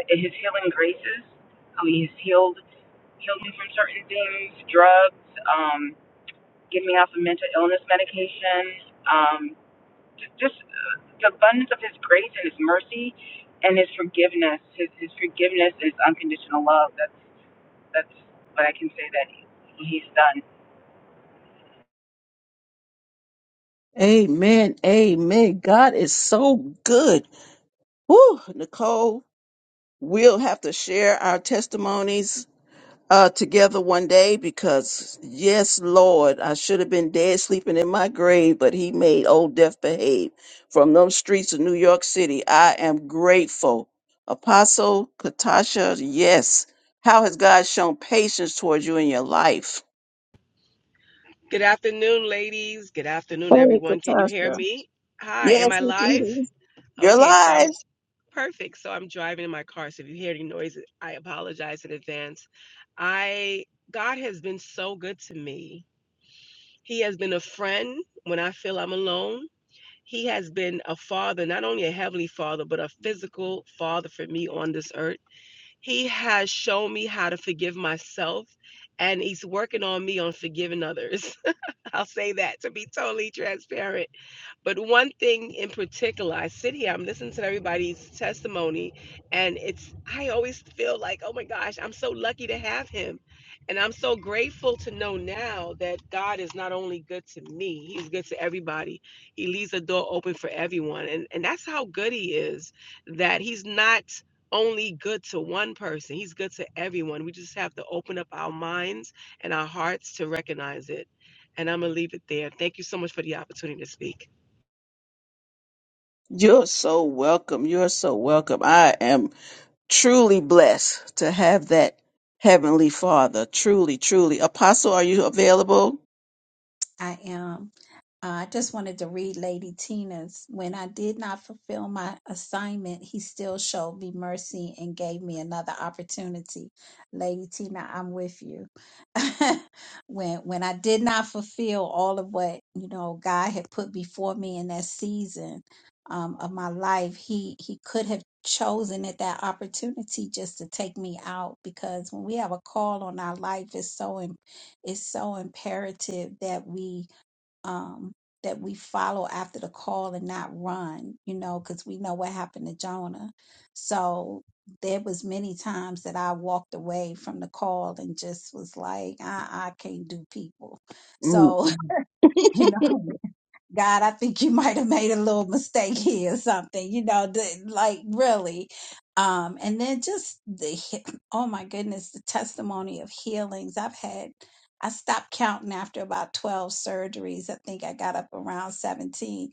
S4: his healing graces. How he has healed healed me from certain things, drugs, um, getting me off of mental illness medication, um, just, just the abundance of his grace and his mercy and his forgiveness, his, his forgiveness and his unconditional love. That's that's
S1: Amen. Amen. God is so good. Woo, Nicole, we'll have to share our testimonies uh, together one day because, yes, Lord, I should have been dead sleeping in my grave, but He made old death behave. From them streets of New York City, I am grateful. Apostle Katasha, yes. How has God shown patience towards you in your life?
S6: Good afternoon, ladies. Good afternoon,
S1: Hey,
S6: everyone. Can you hear
S1: Katasha.
S6: me? Hi, am
S1: Yes,
S6: I
S1: we can hear
S6: live?
S1: you. Your
S6: Okay, so I'm
S1: life.
S6: perfect. So I'm driving in my car. So if you hear any noise, I apologize in advance. I God has been so good to me. He has been a friend when I feel I'm alone. He has been a father, not only a heavenly father, but a physical father for me on this earth. He has shown me how to forgive myself, and he's working on me on forgiving others. I'll say that to be totally transparent. But one thing in particular, I sit here, I'm listening to everybody's testimony, and it's, I always feel like, oh my gosh, I'm so lucky to have him. And I'm so grateful to know now that God is not only good to me, he's good to everybody. He leaves the door open for everyone. And, and that's how good he is, that he's not only good to one person, he's good to everyone. We just have to open up our minds and our hearts to recognize it. And I'm going to leave it there. Thank you so much for the opportunity to speak.
S1: You're so welcome. You're so welcome. I am. truly blessed to have that heavenly father. Truly, truly. Apostle, are you available?
S5: I am. Uh, I just wanted to read Lady Tina's. When I did not fulfill my assignment, he still showed me mercy and gave me another opportunity. Lady Tina, I'm with you. when when I did not fulfill all of what you know God had put before me in that season um, of my life, he he could have chosen at that opportunity just to take me out because when we have a call on our life, it's so im- it's so imperative that we um, that we follow after the call and not run, you know, because we know what happened to Jonah. So there was many times that I walked away from the call and just was like, I, I can't do people.
S1: Mm.
S5: So, you know, God, I think you might have made a little mistake here or something, you know, the, like really. Um, and then just the, he- oh my goodness, the testimony of healings I've had. I stopped counting after about 12 surgeries. I think I got up around 17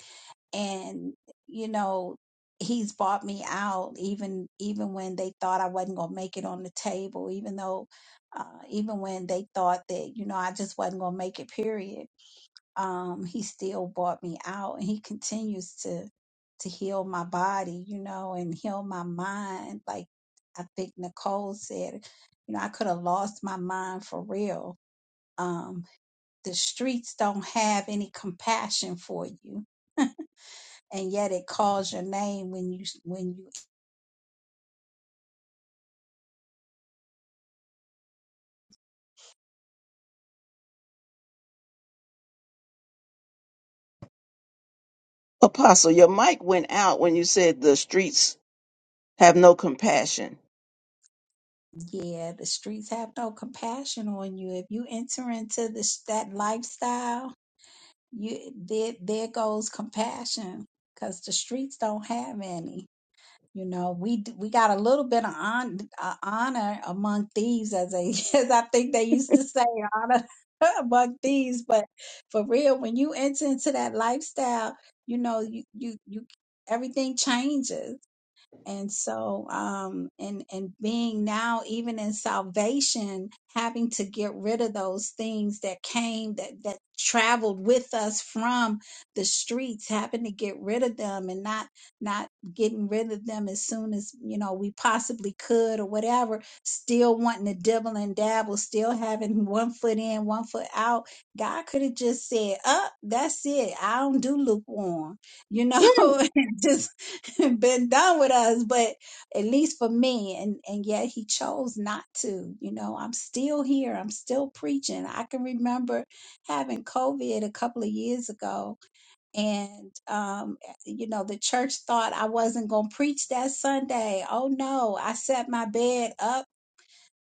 S5: and, you know, he's bought me out even, even when they thought I wasn't going to make it on the table, even though, uh, even when they thought that, you know, I just wasn't going to make it, period um, he still bought me out and he continues to to heal my body you know and heal my mind like i think nicole said you know i could have lost my mind for real um, the streets don't have any compassion for you and yet it calls your name when you when you
S1: Apostle, your mic went out when you said the streets have no compassion.
S5: yeah the streets have no compassion on you if you enter into this that lifestyle you there there goes compassion because the streets don't have any you know we d- we got a little bit of on, uh, honor among thieves as they as i think they used to say honor among thieves but for real when you enter into that lifestyle you know you you, you everything changes and so um and and being now even in salvation having to get rid of those things that came that that traveled with us from the streets having to get rid of them and not not getting rid of them as soon as you know we possibly could or whatever still wanting to dibble and dabble still having one foot in one foot out god could have just said up that's it i don't do lukewarm you
S1: Mm.
S5: know, and just been done with us, but at least for me, and and yet he chose not to. You know, I'm still here. I'm still preaching. I can remember having COVID a couple of years ago, and um, eh, you know, the church thought I wasn't gonna preach that Sunday. Oh no, I set my bed up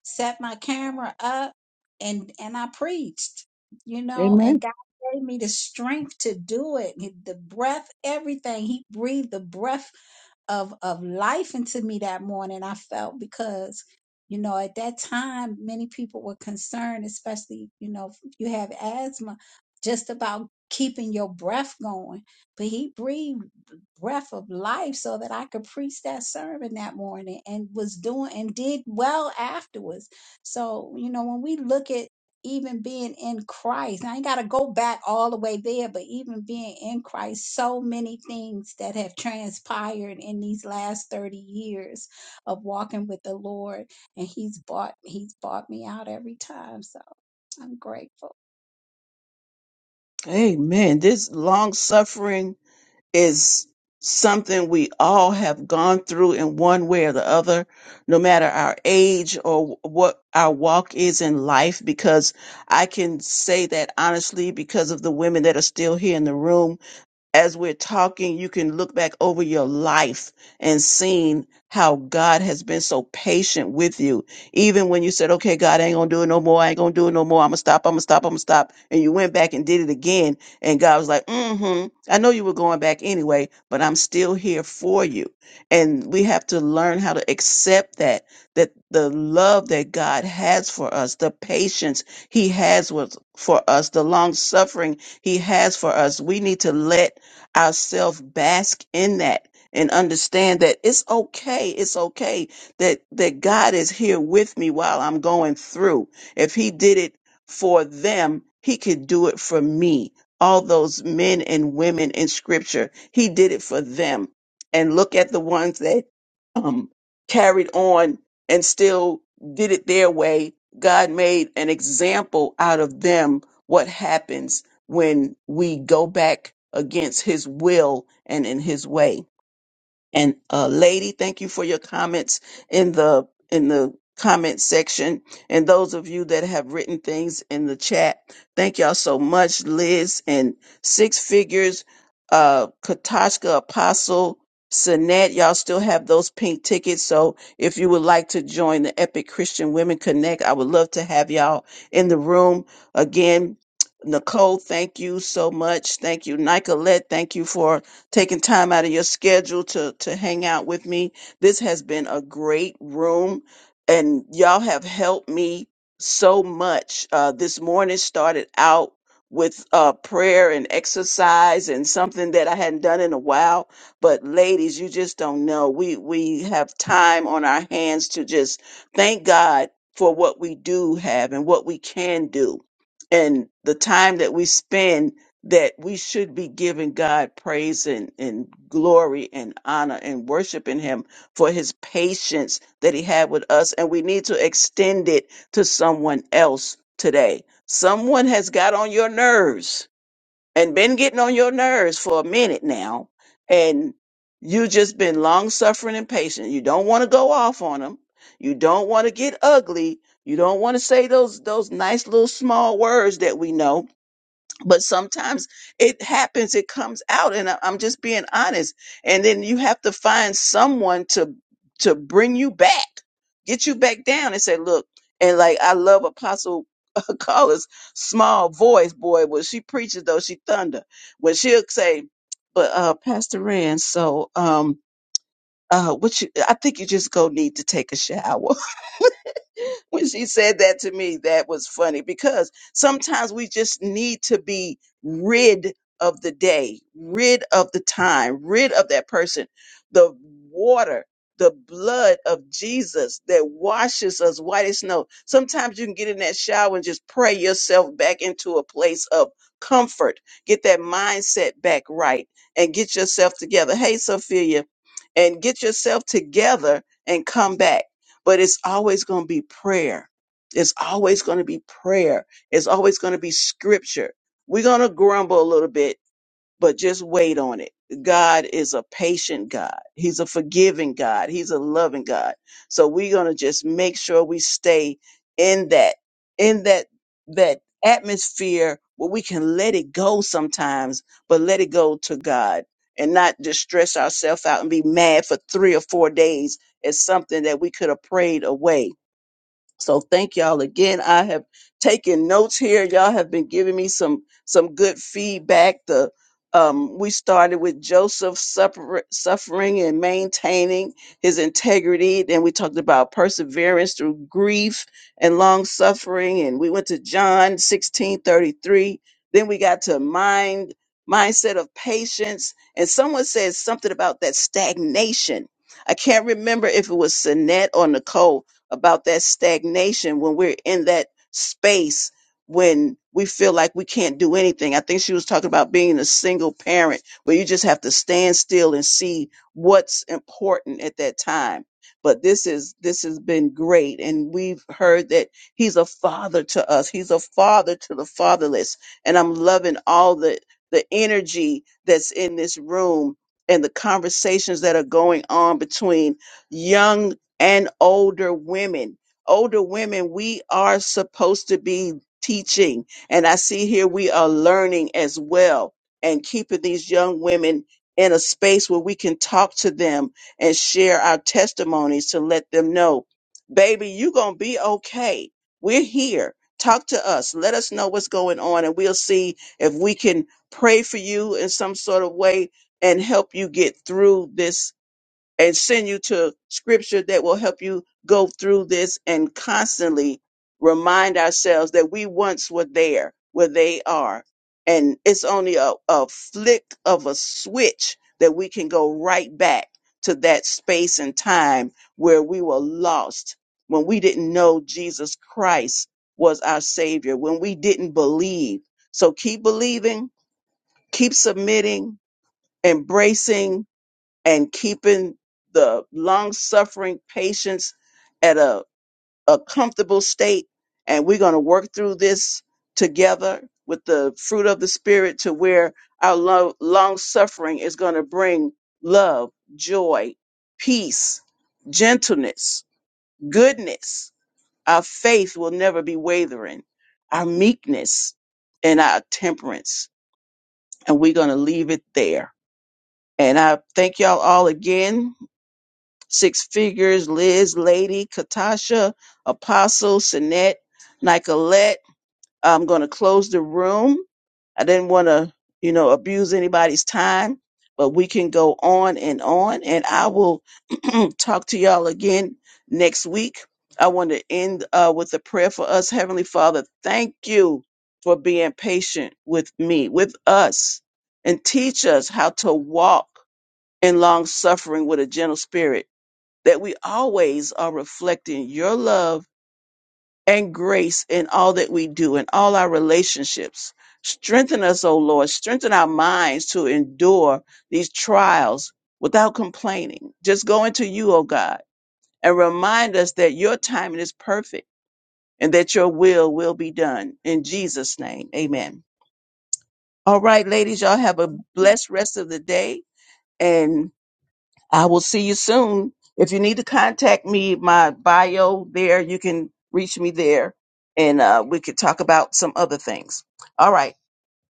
S5: set my camera up and and I preached, you know, and God gave me the strength to do it, He- the breath, everything. He breathed the breath of of life into me that morning. I felt because you know at that time many people were concerned, especially you know if you have asthma, just about keeping your breath going. But he breathed breath of life so that I could preach that sermon that morning and was doing and did well afterwards. So, you know, when we look at even being in Christ, I ain't got to go back all the way there, but even being in Christ, so many things that have transpired in these last 30 years of walking with the Lord. And he's bought, he's bought me out every time. So I'm grateful.
S1: Amen. This long suffering is something we all have gone through in one way or the other, no matter our age or what our walk is in life. Because I can say that honestly because of the women that are still here in the room as we're talking, you can look back over your life and seeing how God has been so patient with you. Even when you said, okay, God, I ain't going to do it no more. I ain't going to do it no more. I'm going to stop. I'm going to stop. I'm going to stop. And you went back and did it again. And God was like, mm-hmm. I know you were going back anyway, but I'm still here for you. And we have to learn how to accept that, that the love that God has for us, the patience he has with, for us, the long suffering he has for us. We need to let ourselves bask in that and understand that it's okay it's okay that that God is here with me while I'm going through if he did it for them he could do it for me all those men and women in scripture he did it for them and look at the ones that um carried on and still did it their way god made an example out of them what happens when we go back against his will and in his way. And uh, lady, thank you for your comments in the in the comment section. And those of you that have written things in the chat, thank y'all so much, Liz and Six Figures, uh, Katashka Apostle, Sinette. Y'all still have those pink tickets. So if you would like to join the Epic Christian Women Connect, I would love to have y'all in the room again. Nicole, thank you so much. Thank you, Nicolette. Thank you for taking time out of your schedule to to hang out with me. This has been a great room, and y'all have helped me so much. Uh, this morning started out with uh, prayer and exercise and something that I hadn't done in a while. But ladies, you just don't know. We we have time on our hands to just thank God for what we do have and what we can do. And the time that we spend that we should be giving God praise and, and glory and honor and worshiping Him for His patience that He had with us. And we need to extend it to someone else today. Someone has got on your nerves and been getting on your nerves for a minute now. And you just been long suffering and patient. You don't want to go off on them. You don't want to get ugly. You don't want to say those those nice little small words that we know but sometimes it happens it comes out and I- i'm just being honest and then you have to find someone to to bring you back get you back down and say look and like i love apostle Carla's small voice boy when she preaches though she thunder when she'll say but uh pastor rand so um uh what you i think you just go need to take a shower when she said that to me, that was funny because sometimes we just need to be rid of the day, rid of the time, rid of that person. The water, the blood of Jesus that washes us white as snow. Sometimes you can get in that shower and just pray yourself back into a place of comfort. Get that mindset back right and get yourself together. Hey, Sophia, and get yourself together and come back but it's always going to be prayer. It's always going to be prayer. It's always going to be scripture. We're going to grumble a little bit but just wait on it. God is a patient God. He's a forgiving God. He's a loving God. So we're going to just make sure we stay in that, in that, that atmosphere where we can let it go sometimes, but let it go to God and not just stress ourselves out and be mad for three or four days at something that we could have prayed away so thank y'all again. I have taken notes here. Y'all have been giving me some some good feedback. The um, we started with Joseph suffer, suffering and maintaining his integrity. Then we talked about perseverance through grief and long suffering. And we went to John sixteen thirty three. Then we got to mind mindset of patience. And someone said something about that stagnation. I can't remember if it was Sinette or Nicole, about that stagnation when we're in that space when we feel like we can't do anything. I think she was talking about being a single parent where you just have to stand still and see what's important at that time. But this is this has been great and we've heard that he's a father to us. He's a father to the fatherless. And I'm loving all the the energy that's in this room and the conversations that are going on between young and older women. Older women, we are supposed to be teaching. And I see here we are learning as well and keeping these young women in a space where we can talk to them and share our testimonies to let them know, baby, you're going to be okay. We're here. Talk to us. Let us know what's going on, and we'll see if we can pray for you in some sort of way and help you get through this and send you to scripture that will help you go through this and constantly remind ourselves that we once were there where they are. And it's only a, a flick of a switch that we can go right back to that space and time where we were lost, when we didn't know Jesus Christ was our Savior, when we didn't believe. So keep believing, keep submitting, embracing and keeping the long suffering patients at a, a comfortable state. And we're going to work through this together with the fruit of the Spirit to where our lo- long suffering is going to bring love, joy, peace, gentleness, goodness. Our faith will never be wavering, our meekness, and our temperance. And we're going to leave it there. And I thank y'all all again Six Figures, Liz, Lady, Katasha, Apostle, Sinette, Nicolette. I'm going to close the room. I didn't want to, you know, abuse anybody's time, but we can go on and on. And I will talk to y'all again next week. I want to end uh, with a prayer for us. Heavenly Father, thank you for being patient with me, with us, and teach us how to walk in long suffering with a gentle spirit that we always are reflecting your love and grace in all that we do, in all our relationships. Strengthen us, O Lord. Strengthen our minds to endure these trials without complaining. Just go into you, O God, and remind us that your timing is perfect and that your will will be done. In Jesus' name, amen. All right, ladies, y'all have a blessed rest of the day. And I will see you soon. If you need to contact me, my bio there, you can reach me there and uh, we could talk about some other things. All right.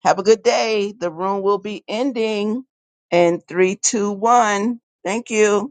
S1: Have a good day. The room will be ending in three, two, one. Thank you.